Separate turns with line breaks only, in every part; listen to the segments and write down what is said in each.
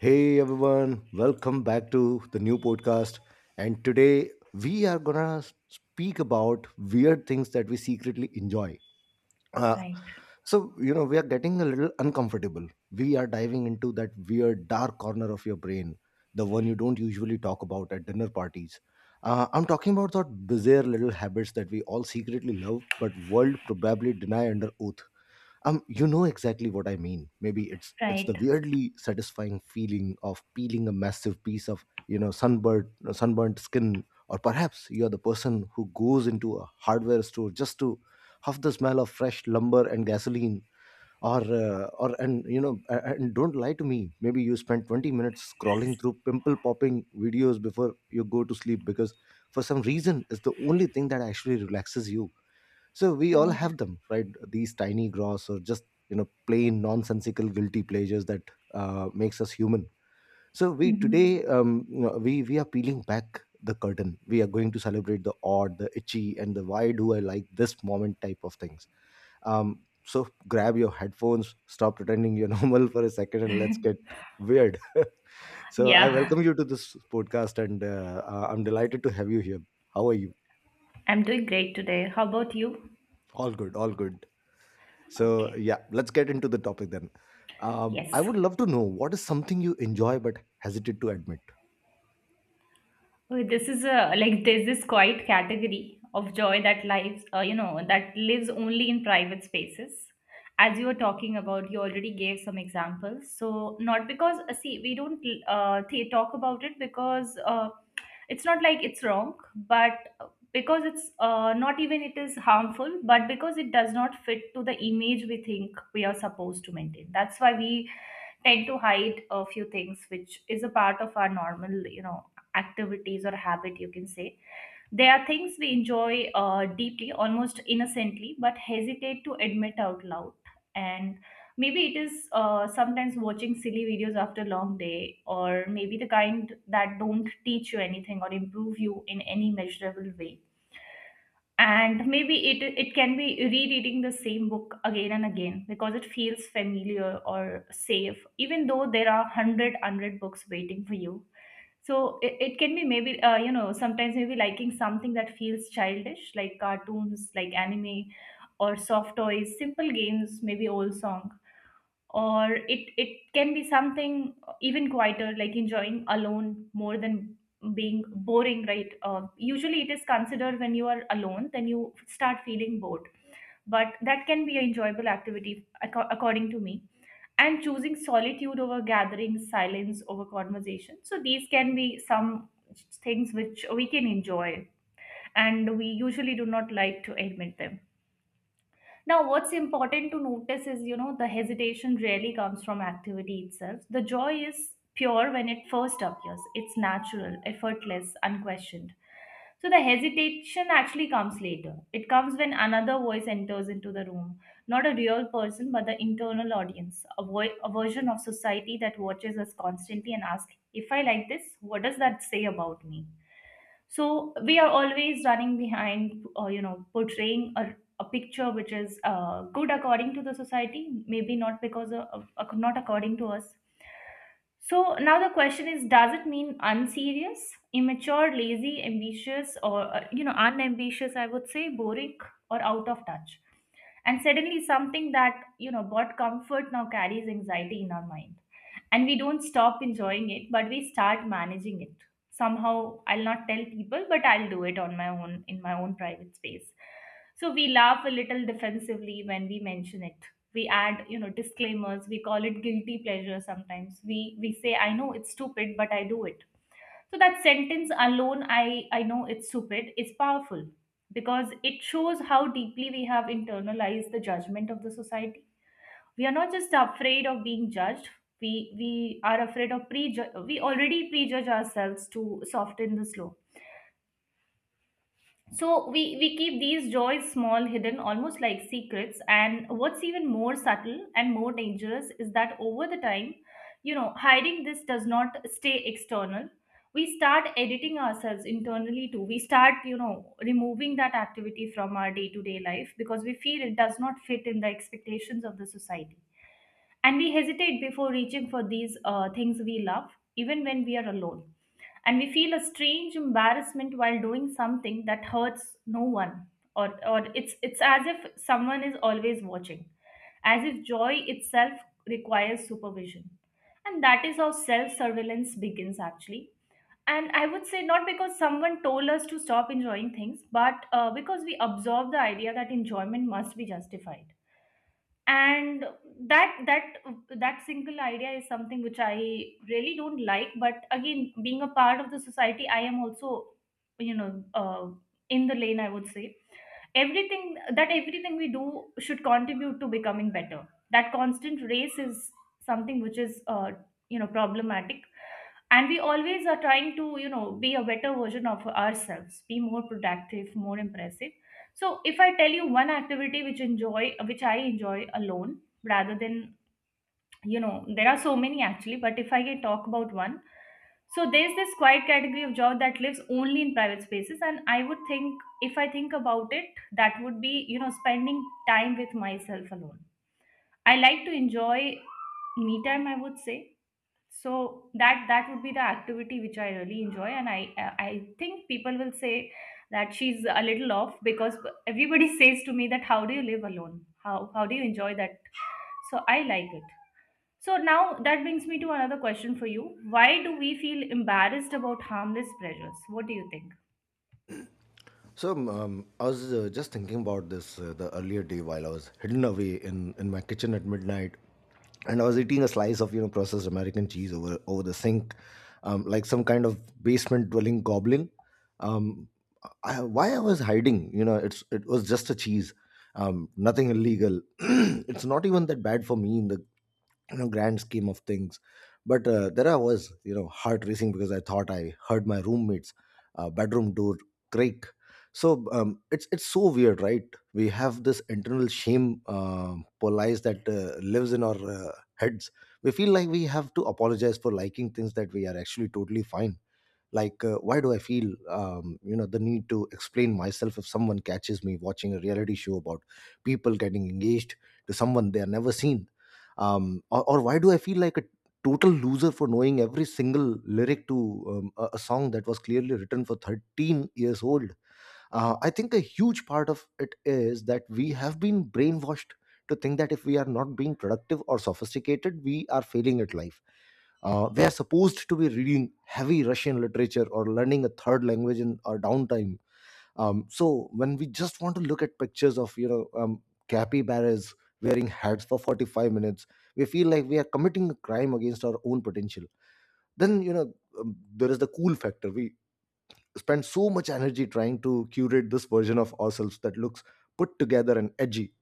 Hey everyone, welcome back to the new podcast. And today we are gonna speak about weird things that we secretly enjoy. Uh,
Right,
we are getting a little uncomfortable. We are diving into that weird dark corner of your brain, the one you don't usually talk about at dinner parties. I'm talking about that bizarre little habits that we all secretly love, but world probably deny under oath. Exactly what I mean. Maybe it's
right,
the weirdly satisfying feeling of peeling a massive piece of sunburnt skin, or perhaps you're the person who goes into a hardware store just to huff the smell of fresh lumber and gasoline. Or uh, or and you know a- and don't lie to me, maybe you spend 20 minutes scrolling through pimple popping videos before you go to sleep because for some reason it's the only thing that actually relaxes you. So we all
right.
have them, right? These tiny, gross, or just plain nonsensical guilty pleasures that makes us human. So we today
Hmm.
you know, we are peeling back the curtain. We are going to celebrate the odd, the itchy, and the why do I like this moment type of things. um, so grab your headphones, stop pretending you're normal for a second, and let's get weird. So I
Yeah,
welcome you to this podcast, and I'm delighted to have you here. How are you?
I'm doing great today. How about you?
All good, all good. So,
Okay.
yeah, let's get into the topic then.
Yes.
I would love to know, what is something you enjoy but hesitate to admit?
Oh, this is a like there's this quiet category of joy that lives, you know, that lives only in private spaces. As you were talking about, you already gave some examples. So not because see, we don't talk about it because it's not like it's wrong, but because it's not even it is harmful, but because it does not fit to the image we think we are supposed to maintain. That's why we tend to hide a few things which is a part of our normal, you know, activities or habit you can say. They are things we enjoy deeply, almost innocently, but hesitate to admit out loud. And maybe it is, sometimes watching silly videos after long day, or maybe the kind that don't teach you anything or improve you in any measurable way. And maybe it can be rereading the same book again and again because it feels familiar or safe, even though there are 100 books waiting for you. So it can be maybe, you know, sometimes maybe liking something that feels childish, like cartoons, like anime, or soft toys, simple games, maybe old songs. Or it can be something even quieter, like enjoying alone more than being boring, right? Usually it is considered when you are alone, then you start feeling bored, but that can be an enjoyable activity, according to me. And choosing solitude over gatherings, silence over conversation, so these can be some things which we can enjoy, and we usually do not like to admit them. Now, what's important to notice is, you know, the hesitation rarely comes from activity itself. The joy is pure when it first appears. It's natural, effortless, unquestioned. So the hesitation actually comes later. It comes when another voice enters into the room. Not a real person, but the internal audience, a, a version of society that watches us constantly and asks, if I like this, what does that say about me? So we are always running behind, you know, portraying a picture which is good according to the society, maybe not because not according to us. So now the question is, does it mean unserious, immature, lazy, ambitious, or, you know, unambitious, I would say, boring, or out of touch? And suddenly something that, you know, brought comfort now carries anxiety in our mind, and we don't stop enjoying it, but we start managing it somehow. I'll not tell people, but I'll do it on my own, in my own private space. So we laugh a little defensively when we mention it, we add, you know, disclaimers, we call it guilty pleasure. Sometimes we say, I know it's stupid, but I do it. So that sentence alone, I know it's stupid, is powerful, because it shows how deeply we have internalized the judgment of the society. We are not just afraid of being judged. We are afraid of prejudge. We already prejudge ourselves to soften the slow. So we keep these joys small, hidden, almost like secrets. And what's even more subtle and more dangerous is that over the time, you know, hiding this does not stay external. We start editing ourselves internally too. We start, you know, removing that activity from our day to day life, because we feel it does not fit in the expectations of the society. And we hesitate before reaching for these things we love, even when we are alone, and we feel a strange embarrassment while doing something that hurts no one. or or it's as if someone is always watching, as if joy itself requires supervision. And that is how self surveillance begins actually. And I would say not because someone told us to stop enjoying things, but because we absorb the idea that enjoyment must be justified. And that that that single idea is something which I really don't like. But again, being a part of the society, I am also, you know, in the lane, I would say. Everything that everything we do should contribute to becoming better. That constant race is something which is, you know, problematic. And we always are trying to, you know, be a better version of ourselves, be more productive, more impressive. So if I tell you one activity which enjoy, which I enjoy alone, rather than, you know, there are so many actually, but if I can talk about one. So there's this quiet category of job that lives only in private spaces, and I would think, if I think about it, that would be, you know, spending time with myself alone. I like to enjoy me time, I would say. So that that would be the activity which I really enjoy, and I think people will say that she's a little off, because everybody says to me that, how do you live alone? How do you enjoy that? So I like it. So now that brings me to another question for you. Why do we feel embarrassed about harmless pleasures? What do you think?
So I was just thinking about this the earlier day while I was hidden away in my kitchen at midnight, and I was eating a slice of processed American cheese over over the sink, like some kind of basement dwelling goblin. Um, I, why I was hiding? You know, it was just a cheese, nothing illegal. It's not even that bad for me in the grand scheme of things. But there I was, you know, heart racing because I thought I heard my roommate's bedroom door creak. So it's so weird, right? We have this internal shame police that lives in our heads. We feel like we have to apologize for liking things that we are actually totally fine. Like why do I feel the need to explain myself if someone catches me watching a reality show about people getting engaged to someone they are never seen? Or why do I feel like a total loser for knowing every single lyric to a song that was clearly written for 13 years old? I think a huge part of it is that we have been brainwashed to think that if we are not being productive or sophisticated, we are failing at life. We are supposed to be reading heavy Russian literature or learning a third language in our downtime. So when we just want to look at pictures of capybaras wearing hats for 45 minutes, we feel like we are committing a crime against our own potential. Then, there is the cool factor. We spend so much energy trying to curate this version of ourselves that looks put together and edgy.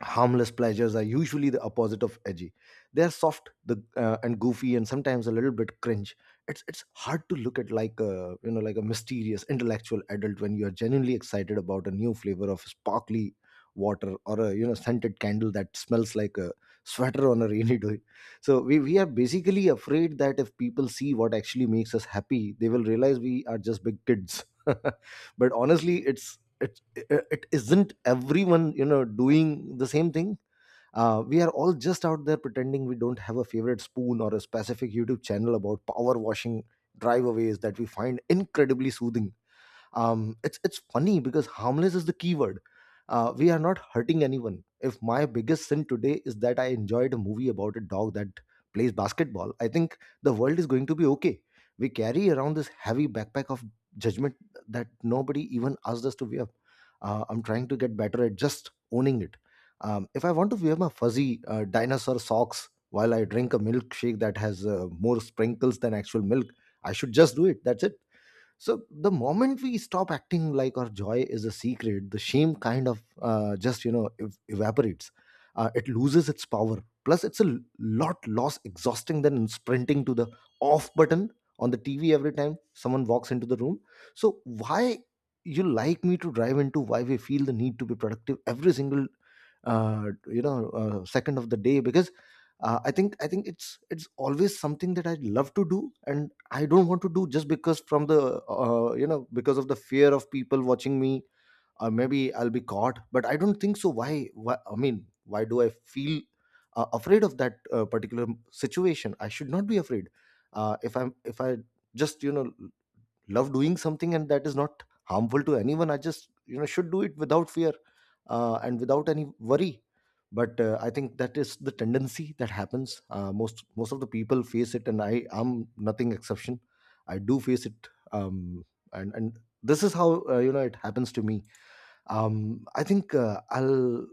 Harmless pleasures are usually the opposite of edgy. They are soft and goofy and sometimes a little bit cringe. It's hard to look at like a, you know, like a mysterious intellectual adult when you are genuinely excited about a new flavor of sparkly water or a, you know, scented candle that smells like a sweater on a rainy day. So we are basically afraid that if people see what actually makes us happy, they will realize we are just big kids. But honestly, i- it isn't everyone, you know, doing the same thing? We are all just out there pretending we don't have a favorite spoon or a specific YouTube channel about power washing driveaways that we find incredibly soothing. It's funny because harmless is the keyword. We are not hurting anyone. If my biggest sin today is that I enjoyed a movie about a dog that plays basketball, I think the world is going to be okay. We carry around this heavy backpack of judgment that nobody even asked us to wear. I'm trying to get better at just owning it. If I want to wear my fuzzy dinosaur socks while I drink a milkshake that has more sprinkles than actual milk, I should just do it. That's it. So the moment we stop acting like our joy is a secret, the shame kind of just, you know, evaporates. It loses its power, plus it's a lot less exhausting than sprinting to the off button on the TV every time someone walks into the room. So why, you like me to drive into why we feel the need to be productive every single second of the day? Because I think it's always something that I love to do, and I don't want to do just because from the because of the fear of people watching me, or maybe I'll be caught. But I don't think so. Why, I mean, why do I feel afraid of that particular situation? I should not be afraid. If I just, you know, love doing something and that is not harmful to anyone, I just, you know, should do it without fear, and without any worry. But I think that is the tendency that happens. Most of the people face it, and I am nothing exception. I do face it. And this is how, you know, it happens to me. I think I'll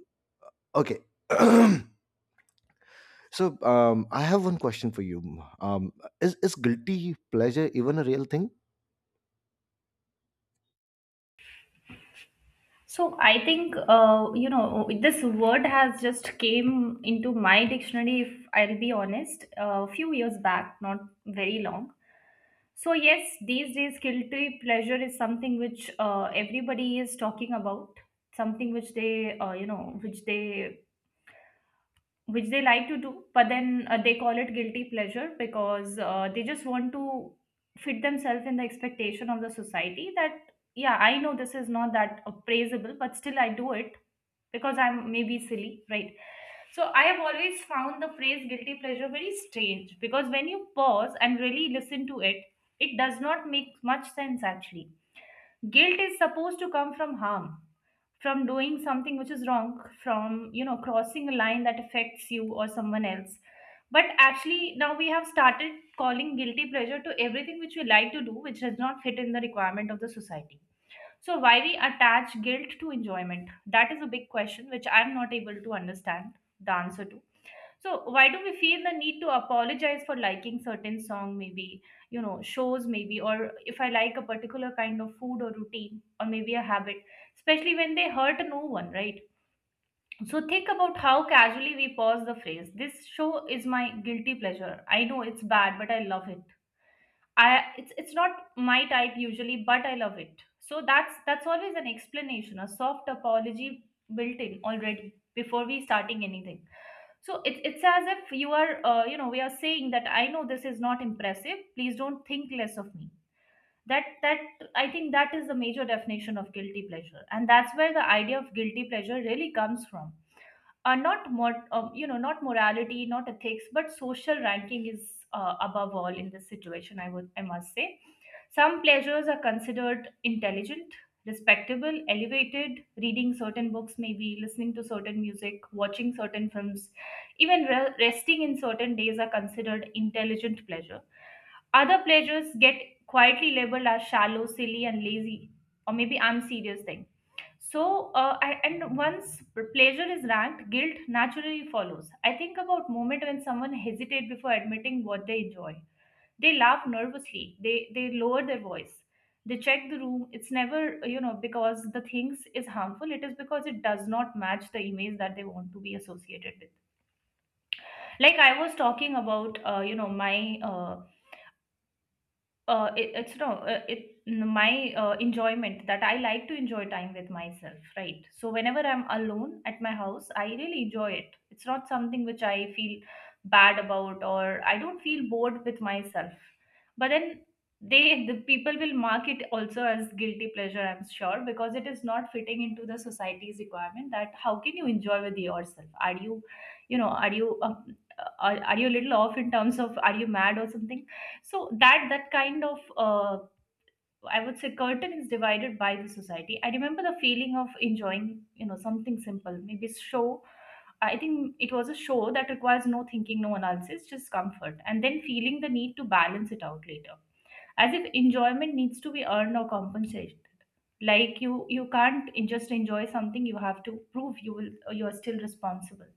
Okay. So I have one question for you. Um, is, is guilty pleasure even a real thing?
So I think, you know, this word has just came into my dictionary, if I'll be honest, a few years back, not very long. So yes, these days guilty pleasure is something which everybody is talking about, something which they, you know, which they like to do, but then they call it guilty pleasure because they just want to fit themselves in the expectation of the society, that yeah, I know this is not that appraisable, but still I do it, because I'm maybe silly, right? So I have always found the phrase guilty pleasure very strange, because when you pause and really listen to it, it does not make much sense actually. Guilt is supposed to come from harm, from doing something which is wrong, from, you know, crossing a line that affects you or someone else. But actually now we have started calling guilty pleasure to everything which we like to do which does not fit in the requirement of the society. So why we attach guilt to enjoyment? That is a big question which I am not able to understand the answer to. So why do we feel the need to apologize for liking certain song, maybe, you know, shows maybe, or if I like a particular kind of food or routine or maybe a habit, especially when they hurt no one, right? So think about how casually we pause the phrase, this show is my guilty pleasure. I know it's bad, but I love it. I it's not my type usually, but I love it. So that's always an explanation, a soft apology built in already before we starting anything. So it's as if you are, you know, we are saying that, I know this is not impressive. Please don't think less of me. That I think that is the major definition of guilty pleasure, and that's where the idea of guilty pleasure really comes from. Not more, you know, not morality, not ethics, but social ranking is above all in this situation, I would I must say. Some pleasures are considered intelligent, respectable, elevated. Reading certain books, maybe listening to certain music, watching certain films, even resting in certain days are considered intelligent pleasure. Other pleasures get quietly labeled as shallow, silly, and lazy, or maybe unserious thing. So, and once pleasure is ranked, guilt naturally follows. I think about moment when someone hesitate before admitting what they enjoy, they laugh nervously. They lower their voice. They check the room. It's never, you know, because the things is harmful. It is because it does not match the image that they want to be associated with. Like I was talking about, you know, my uh, it, it's no, it my enjoyment, that I like to enjoy time with myself, right? So whenever I'm alone at my house, I really enjoy it. It's not something which I feel bad about, or I don't feel bored with myself. But then the people will mark it also as guilty pleasure, I'm sure, because it is not fitting into the society's requirement that how can you enjoy with yourself? Are you, you know, are you are, you a little off, in terms of, are you mad or something? So that kind of I would say curtain is divided by the society. I remember the feeling of enjoying something simple, maybe show. I think it was a show that requires no thinking, no analysis, just comfort, and then feeling the need to balance it out later, as if enjoyment needs to be earned or compensated. Like you can't just enjoy something, you have to prove you will, you are still responsible.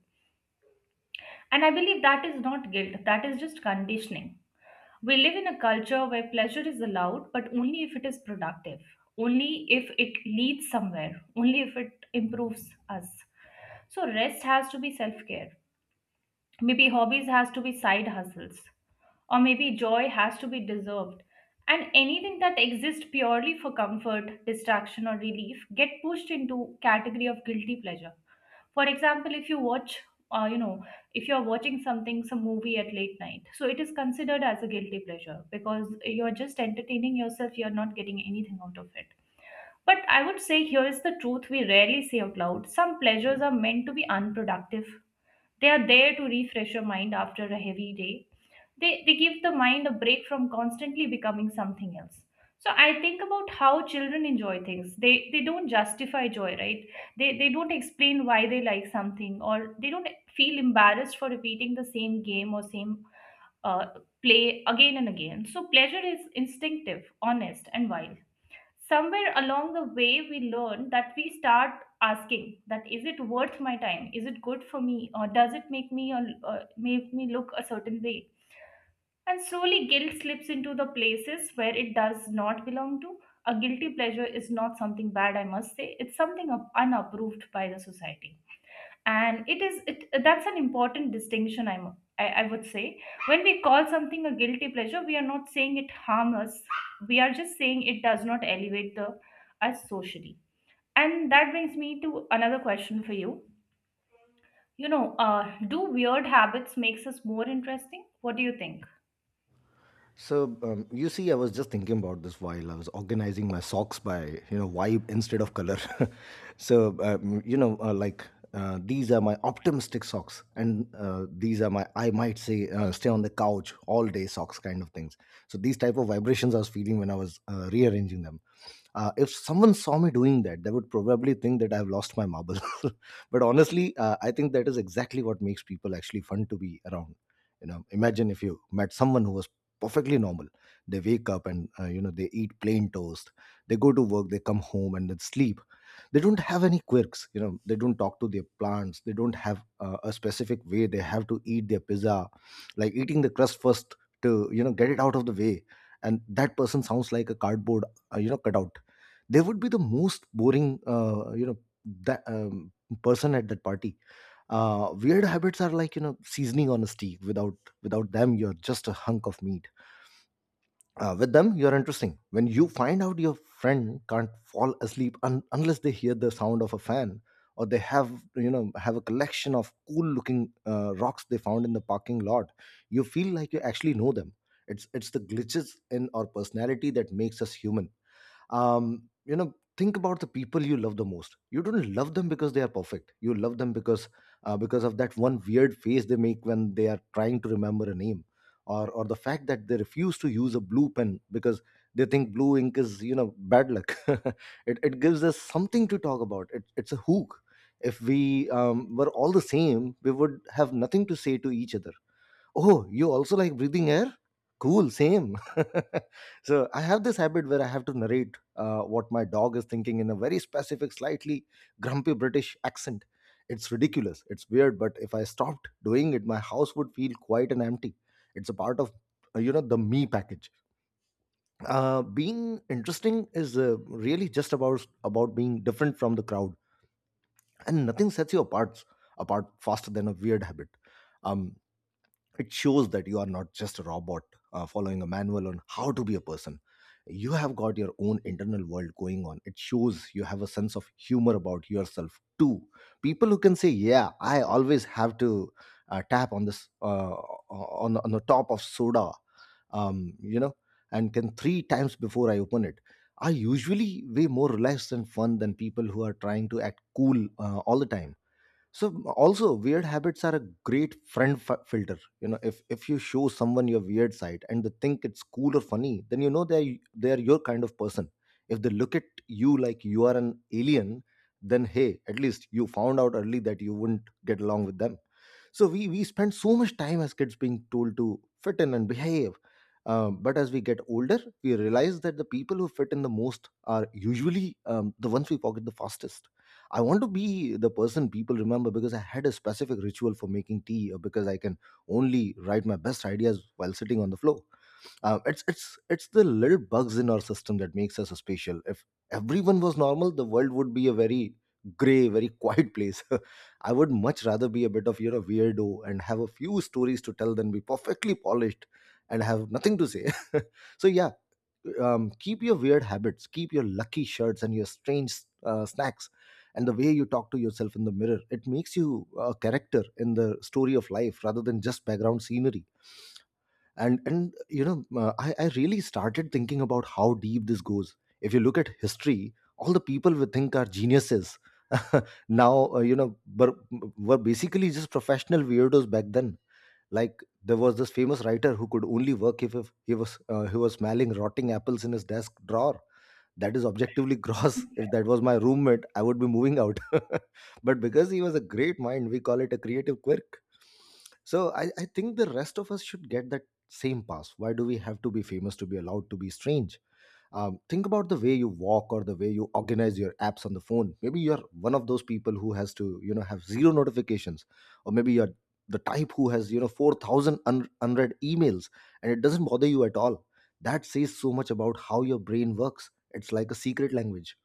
And I believe that is not guilt, that is just conditioning. We live in a culture where pleasure is allowed, but only if it is productive, only if it leads somewhere, only if it improves us. So rest has to be self-care. Maybe hobbies has to be side hustles, or maybe joy has to be deserved. And anything that exists purely for comfort, distraction, or relief get pushed into category of guilty pleasure. For example, if you watch, uh, you know if you're watching something, some movie at late night, so it is considered as a guilty pleasure because you're just entertaining yourself, you're not getting anything out of it. But I would say here is the truth we rarely say out loud: some pleasures are meant to be unproductive. They are there to refresh your mind after a heavy day. They give the mind a break from constantly becoming something else. So I think about how children enjoy things. They don't justify joy, right? They don't explain why they like something, or they don't feel embarrassed for repeating the same game or same uh, play again and again. So pleasure is instinctive, honest, and wild. Somewhere along the way we learn that, we start asking that, is it worth my time, is it good for me, or does it make me look a certain way? And slowly guilt slips into the places where it does not belong to. A guilty pleasure is not something bad, I must say. It's something unapproved by the society. And it that's an important distinction, I would say. When we call something a guilty pleasure, we are not saying it harms us. We are just saying it does not elevate the us socially. And that brings me to another question for you. You know, do weird habits makes us more interesting? What do you think?
So you see, I was just thinking about this while I was organizing my socks by, you know, vibe instead of color. So, these are my optimistic socks, and these are my, I might say, stay on the couch all day socks kind of things. So these type of vibrations I was feeling when I was rearranging them. If someone saw me doing that, they would probably think that I have lost my marble. But honestly, I think that is exactly what makes people actually fun to be around. You know, imagine if you met someone who was perfectly normal. They wake up, and, you know, they eat plain toast, they go to work, they come home, and then sleep. They don't have any quirks, you know. They don't talk to their plants. They don't have a specific way they have to eat their pizza, like eating the crust first to, you know, get it out of the way. And that person sounds like a cardboard you know, cutout. They would be the most boring you know that person at that party. Uh, weird habits are like, you know, seasoning on a steak. Without them, you're just a hunk of meat. Uh, with them, you're interesting. When you find out your friend can't fall asleep unless they hear the sound of a fan, or they have you know have a collection of cool looking rocks they found in the parking lot, you feel like you actually know them. It's the glitches in our personality that makes us human. Um, you know, think about the people you love the most. You don't love them because they are perfect. You love them because of that one weird face they make when they are trying to remember a name, or the fact that they refuse to use a blue pen because they think blue ink is, you know, bad luck. It gives us something to talk about. It's a hook. If we were all the same, we would have nothing to say to each other. Oh, you also like breathing air? Cool, same. So I have this habit where I have to narrate what my dog is thinking in a very specific, slightly grumpy British accent. It's ridiculous. It's weird, but if I stopped doing it, my house would feel quiet and empty. It's a part of, you know, the me package. Being interesting is really just about being different from the crowd, and nothing sets you apart faster than a weird habit. Um, it shows that you are not just a robot following a manual on how to be a person. You have got your own internal world going on. It shows you have a sense of humor about yourself too. People who can say, "Yeah, I always have to tap on this on the top of soda," um, you know, and can three times before I open it are usually way more relaxed and fun than people who are trying to act cool all the time. So also weird habits are a great friend filter. If you show someone your weird side and they think it's cool or funny, then they are your kind of person. If they look at you like you are an alien, then hey, at least you found out early that you wouldn't get along with them. So we spend so much time as kids being told to fit in and behave. But as we get older, we realize that the people who fit in the most are usually the ones we forget the fastest. I want to be the person people remember because I had a specific ritual for making tea, or because I can only write my best ideas while sitting on the floor. It's the little bugs in our system that makes us special. If everyone was normal, the world would be a very gray, very quiet place. I would much rather be a bit of weirdo and have a few stories to tell than be perfectly polished and have nothing to say. So yeah, keep your weird habits, keep your lucky shirts and your strange snacks, and the way you talk to yourself in the mirror. It makes you a character in the story of life rather than just background scenery. And I really started thinking about how deep this goes. If you look at history, all the people we think are geniuses now were basically just professional weirdos back then. Like, there was this famous writer who could only work if he was smelling rotting apples in his desk drawer. That is objectively gross. If that was my roommate, I would be moving out. But because he was a great mind, we call it a creative quirk. So I think the rest of us should get that same pass. Why do we have to be famous to be allowed to be strange? Think about the way you walk or the way you organize your apps on the phone. Maybe you're one of those people who has to, have zero notifications, or maybe you're the type who has, 4,000 unread emails, and it doesn't bother you at all. That says so much about how your brain works. It's like a secret language.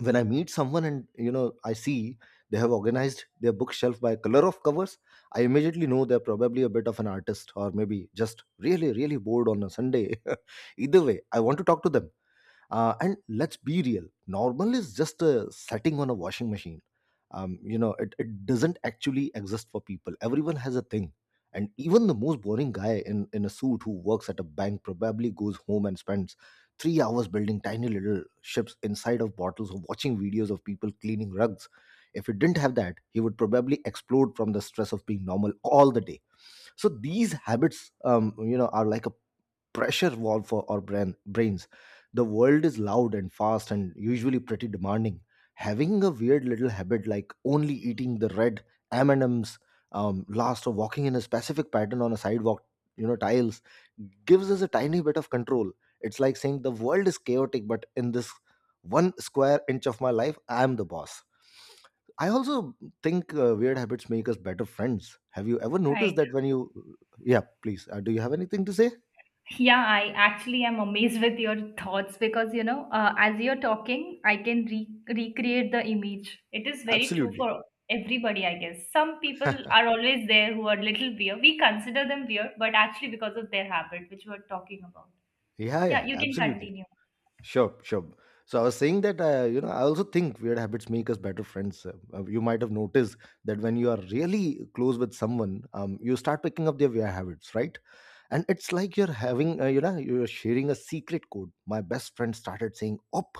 When I meet someone and I see they have organized their bookshelf by color of covers, I immediately know they're probably a bit of an artist or maybe just really, really bored on a Sunday. Either way, I want to talk to them. And let's be real, normal is just a setting on a washing machine. It doesn't actually exist for people. Everyone has a thing. And even the most boring guy in a suit who works at a bank probably goes home and spends 3 hours building tiny little ships inside of bottles or watching videos of people cleaning rugs. If he didn't have that, he would probably explode from the stress of being normal all the day. So these habits, are like a pressure valve for our brains. The world is loud and fast and usually pretty demanding. Having a weird little habit like only eating the red M&Ms last or walking in a specific pattern on a sidewalk, tiles, gives us a tiny bit of control. It's like saying the world is chaotic, but in this one square inch of my life, I am the boss. I also think weird habits make us better friends. Have you ever noticed
Right.
that when you— yeah, please, do you have anything to say?
Yeah, I actually am amazed with your thoughts because, you know, as you're talking, I can recreate the image. It is very true
Absolutely.
for everybody, I guess. Some people are always there who are little weird. We consider them weird, but actually because of their habit, which we're talking about.
Yeah, yeah,
Yeah, you can
absolutely.
continue.
Sure, sure. So I was saying that, I also think weird habits make us better friends. You might have noticed that when you are really close with someone, you start picking up their weird habits, right? And it's like you're having, you know, you're sharing a secret code. My best friend started saying, "op,"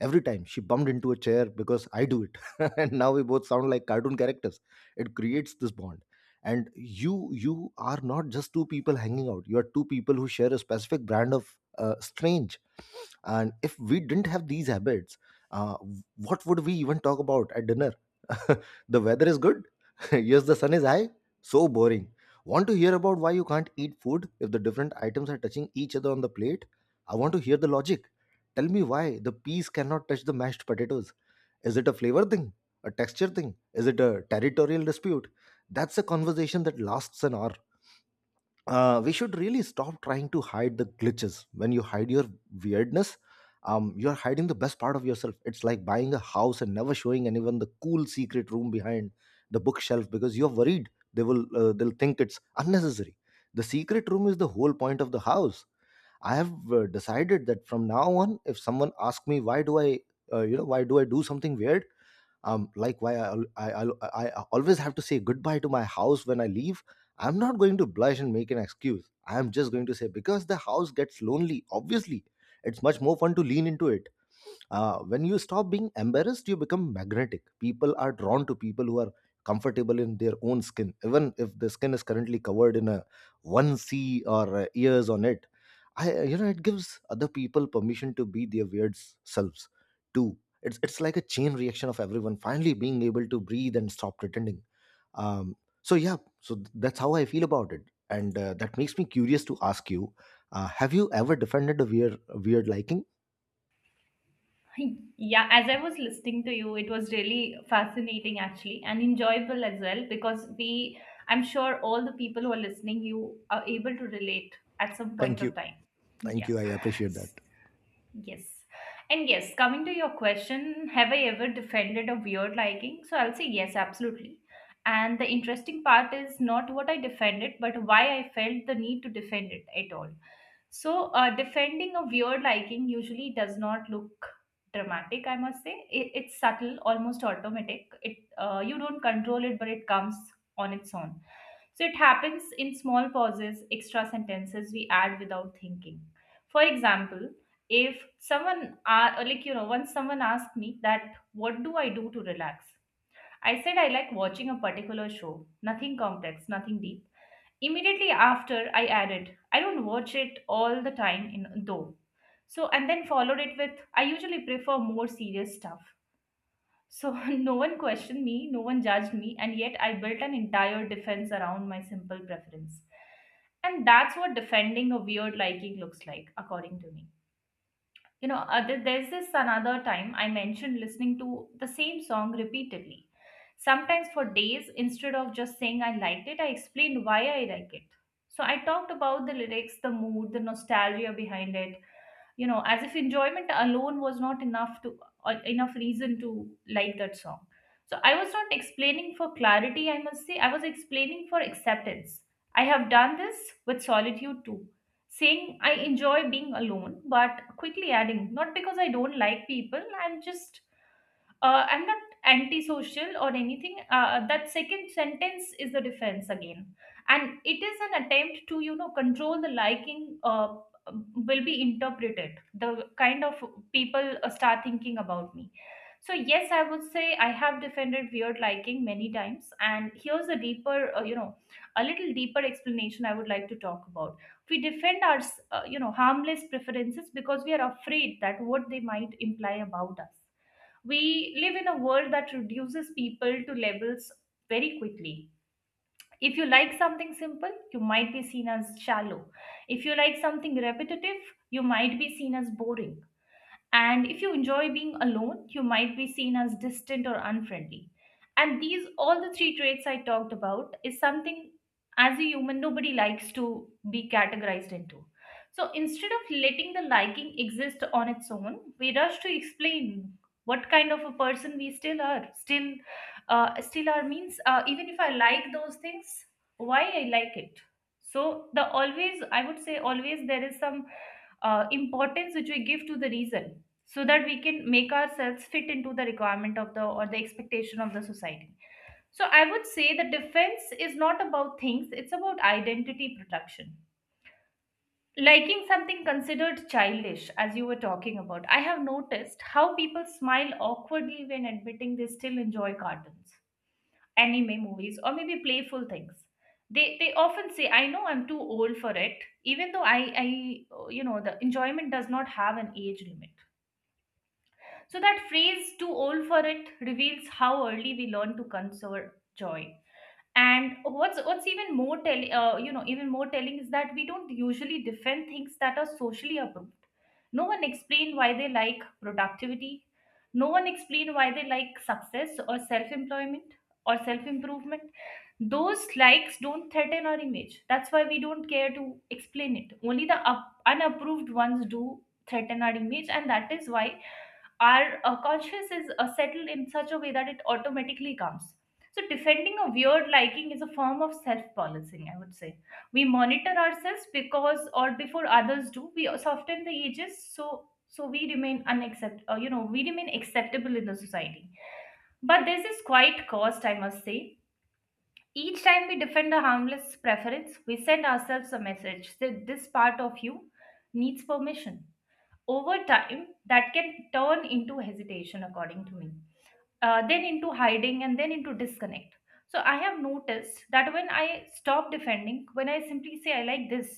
every time she bumped into a chair because I do it. And now we both sound like cartoon characters. It creates this bond. And you are not just two people hanging out. You are two people who share a specific brand of strange. And if we didn't have these habits, uh, what would we even talk about at dinner? "The weather is good." "Yes, the sun is high." So boring. Want to hear about why you can't eat food if the different items are touching each other on the plate? I want to hear the logic. Tell me why the peas cannot touch the mashed potatoes. Is it a flavor thing? A texture thing? Is it a territorial dispute? That's a conversation that lasts an hour. We should really stop trying to hide the glitches. When you hide your weirdness, you're hiding the best part of yourself. It's like buying a house and never showing anyone the cool secret room behind the bookshelf because you're worried they'll think it's unnecessary. The secret room is the whole point of the house. I have decided that from now on, if someone asks me, Why do I why do I do something weird?" Like, why I i I always have to say goodbye to my house when I leave. I'm not going to blush and make an excuse. I'm just going to say, because the house gets lonely, obviously. It's much more fun to lean into it. When you stop being embarrassed, you become magnetic. People are drawn to people who are comfortable in their own skin, even if the skin is currently covered in a one c or ears on it. I you know it gives other people permission to be their weird selves too. It's like a chain reaction of everyone finally being able to breathe and stop pretending. Um, so yeah, so that's how I feel about it, and that makes me curious to ask you: have you ever defended a weird liking?
Yeah, as I was listening to you, it was really fascinating actually and enjoyable as well, because we, I'm sure all the people who are listening, you are able to relate at some point
Thank you,
of time.
thank
Yeah.
you. I appreciate that.
Yes. And yes, coming to your question, have I ever defended a weird liking? So I'll say yes, absolutely. And the interesting part is not what I defended, but why I felt the need to defend it at all. So, defending a weird liking usually does not look dramatic, I must say. It's subtle, almost automatic. It, you don't control it, but it comes on its own. So it happens in small pauses, extra sentences we add without thinking. For example, if someone once someone asked me that, "What do I do to relax?" I said I like watching a particular show. Nothing complex, nothing deep. Immediately after, I added, I don't watch it all the time, in, though. So, and then followed it with, I usually prefer more serious stuff. So, no one questioned me, no one judged me, and yet I built an entire defense around my simple preference. And that's what defending a weird liking looks like, according to me. You know, there's this another time I mentioned listening to the same song repeatedly, sometimes for days. Instead of just saying I liked it, I explained why I like it. So I talked about the lyrics, the mood, the nostalgia behind it, you know, as if enjoyment alone was not enough to enough reason to like that song. So I was not explaining for clarity, I must say, I was explaining for acceptance. I have done this with solitude too, saying I enjoy being alone but quickly adding not because I don't like people, I'm just I'm not antisocial or anything. That second sentence is the defense again, and it is an attempt to, you know, control the liking. Will be interpreted. The kind of people start thinking about me. So yes, I would say I have defended weird liking many times, and here's a deeper, a little deeper explanation I would like to talk about. We defend our, harmless preferences because we are afraid that what they might imply about us. We live in a world that reduces people to levels very quickly. If you like something simple, you might be seen as shallow. If you like something repetitive, you might be seen as boring. And if you enjoy being alone, you might be seen as distant or unfriendly. And these, all the three traits I talked about, is something as a human nobody likes to be categorized into. So instead of letting the liking exist on its own, we rush to explain what kind of a person we still are. Still, still are means even if I like those things, why I like it. So the always, I would say, always there is some importance which we give to the reason, so that we can make ourselves fit into the requirement of the, or the expectation of the society. So I would say the defense is not about things, it's about identity protection. Liking something considered childish, as you were talking about, I have noticed how people smile awkwardly when admitting they still enjoy cartoons, anime movies, or maybe playful things. They often say I know I'm too old for it, even though I you know the enjoyment does not have an age limit. So that phrase, too old for it, reveals how early we learn to conserve joy. And what's even more tell, even more telling is that we don't usually defend things that are socially approved. No one explain why they like productivity. No one explain why they like success or self-employment or self-improvement. Those likes don't threaten our image. That's why we don't care to explain it. Only the unapproved ones do threaten our image, and that is why our conscious is settled in such a way that it automatically comes. So, defending a weird liking is a form of self policing, I would say. We monitor ourselves because, or before others do, we soften the edges so we remain unaccept you know we remain acceptable in the society. But this is quite cost, I must say. Each time we defend a harmless preference, we send ourselves a message that this part of you needs permission. Over time that can turn into hesitation, according to me, then into hiding, and then into disconnect. So I have noticed that when I stop defending, when I simply say I like this,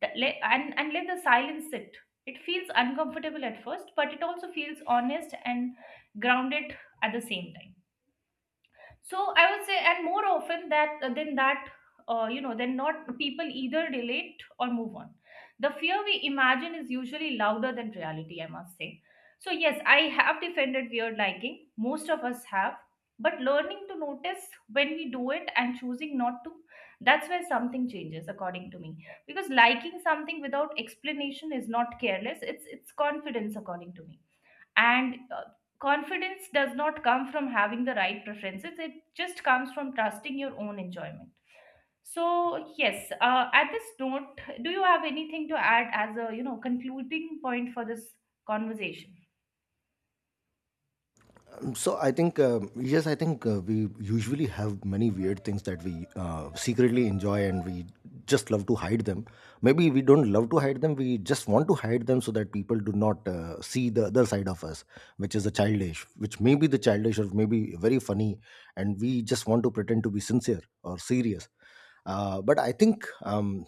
and let the silence sit, it feels uncomfortable at first, but it also feels honest and grounded at the same time. So I would say, and more often that than that you know then not, people either relate or move on. The fear we imagine is usually louder than reality, I must say. So yes, I have defended weird liking, most of us have, but learning to notice when we do it and choosing not to, that's where something changes according to me. Because liking something without explanation is not careless, it's confidence according to me. And confidence does not come from having the right preferences, it just comes from trusting your own enjoyment. So yes, at this note, do you have anything to add as a, you know, concluding point for this conversation?
So I think, yes, I think we usually have many weird things that we secretly enjoy, and we just love to hide them. Maybe we don't love to hide them; we just want to hide them so that people do not see the other side of us, which is the childish, which may be the childish or maybe very funny, and we just want to pretend to be sincere or serious. But I think, um,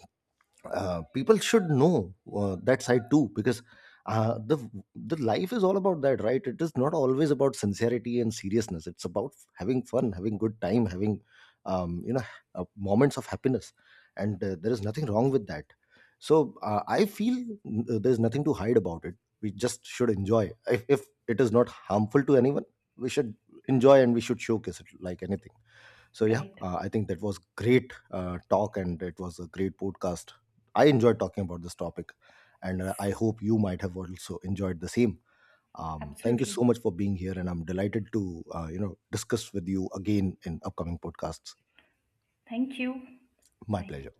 uh, people should know that side too, because uh, the the life is all about that, right? It is not always about sincerity and seriousness. It's about having fun, having good time, having um, you know moments of happiness. And there is nothing wrong with that. So I feel there's nothing to hide about it. We just should enjoy. If it is not harmful to anyone, we should enjoy, and we should showcase it like anything. So yeah,
Right.
I think that was great talk, and it was a great podcast. I enjoyed talking about this topic, and I hope you might have also enjoyed the same. Thank you so
Absolutely.
much for being here, and I'm delighted to discuss with you again in upcoming podcasts.
Thank you.
My
Bye.
pleasure.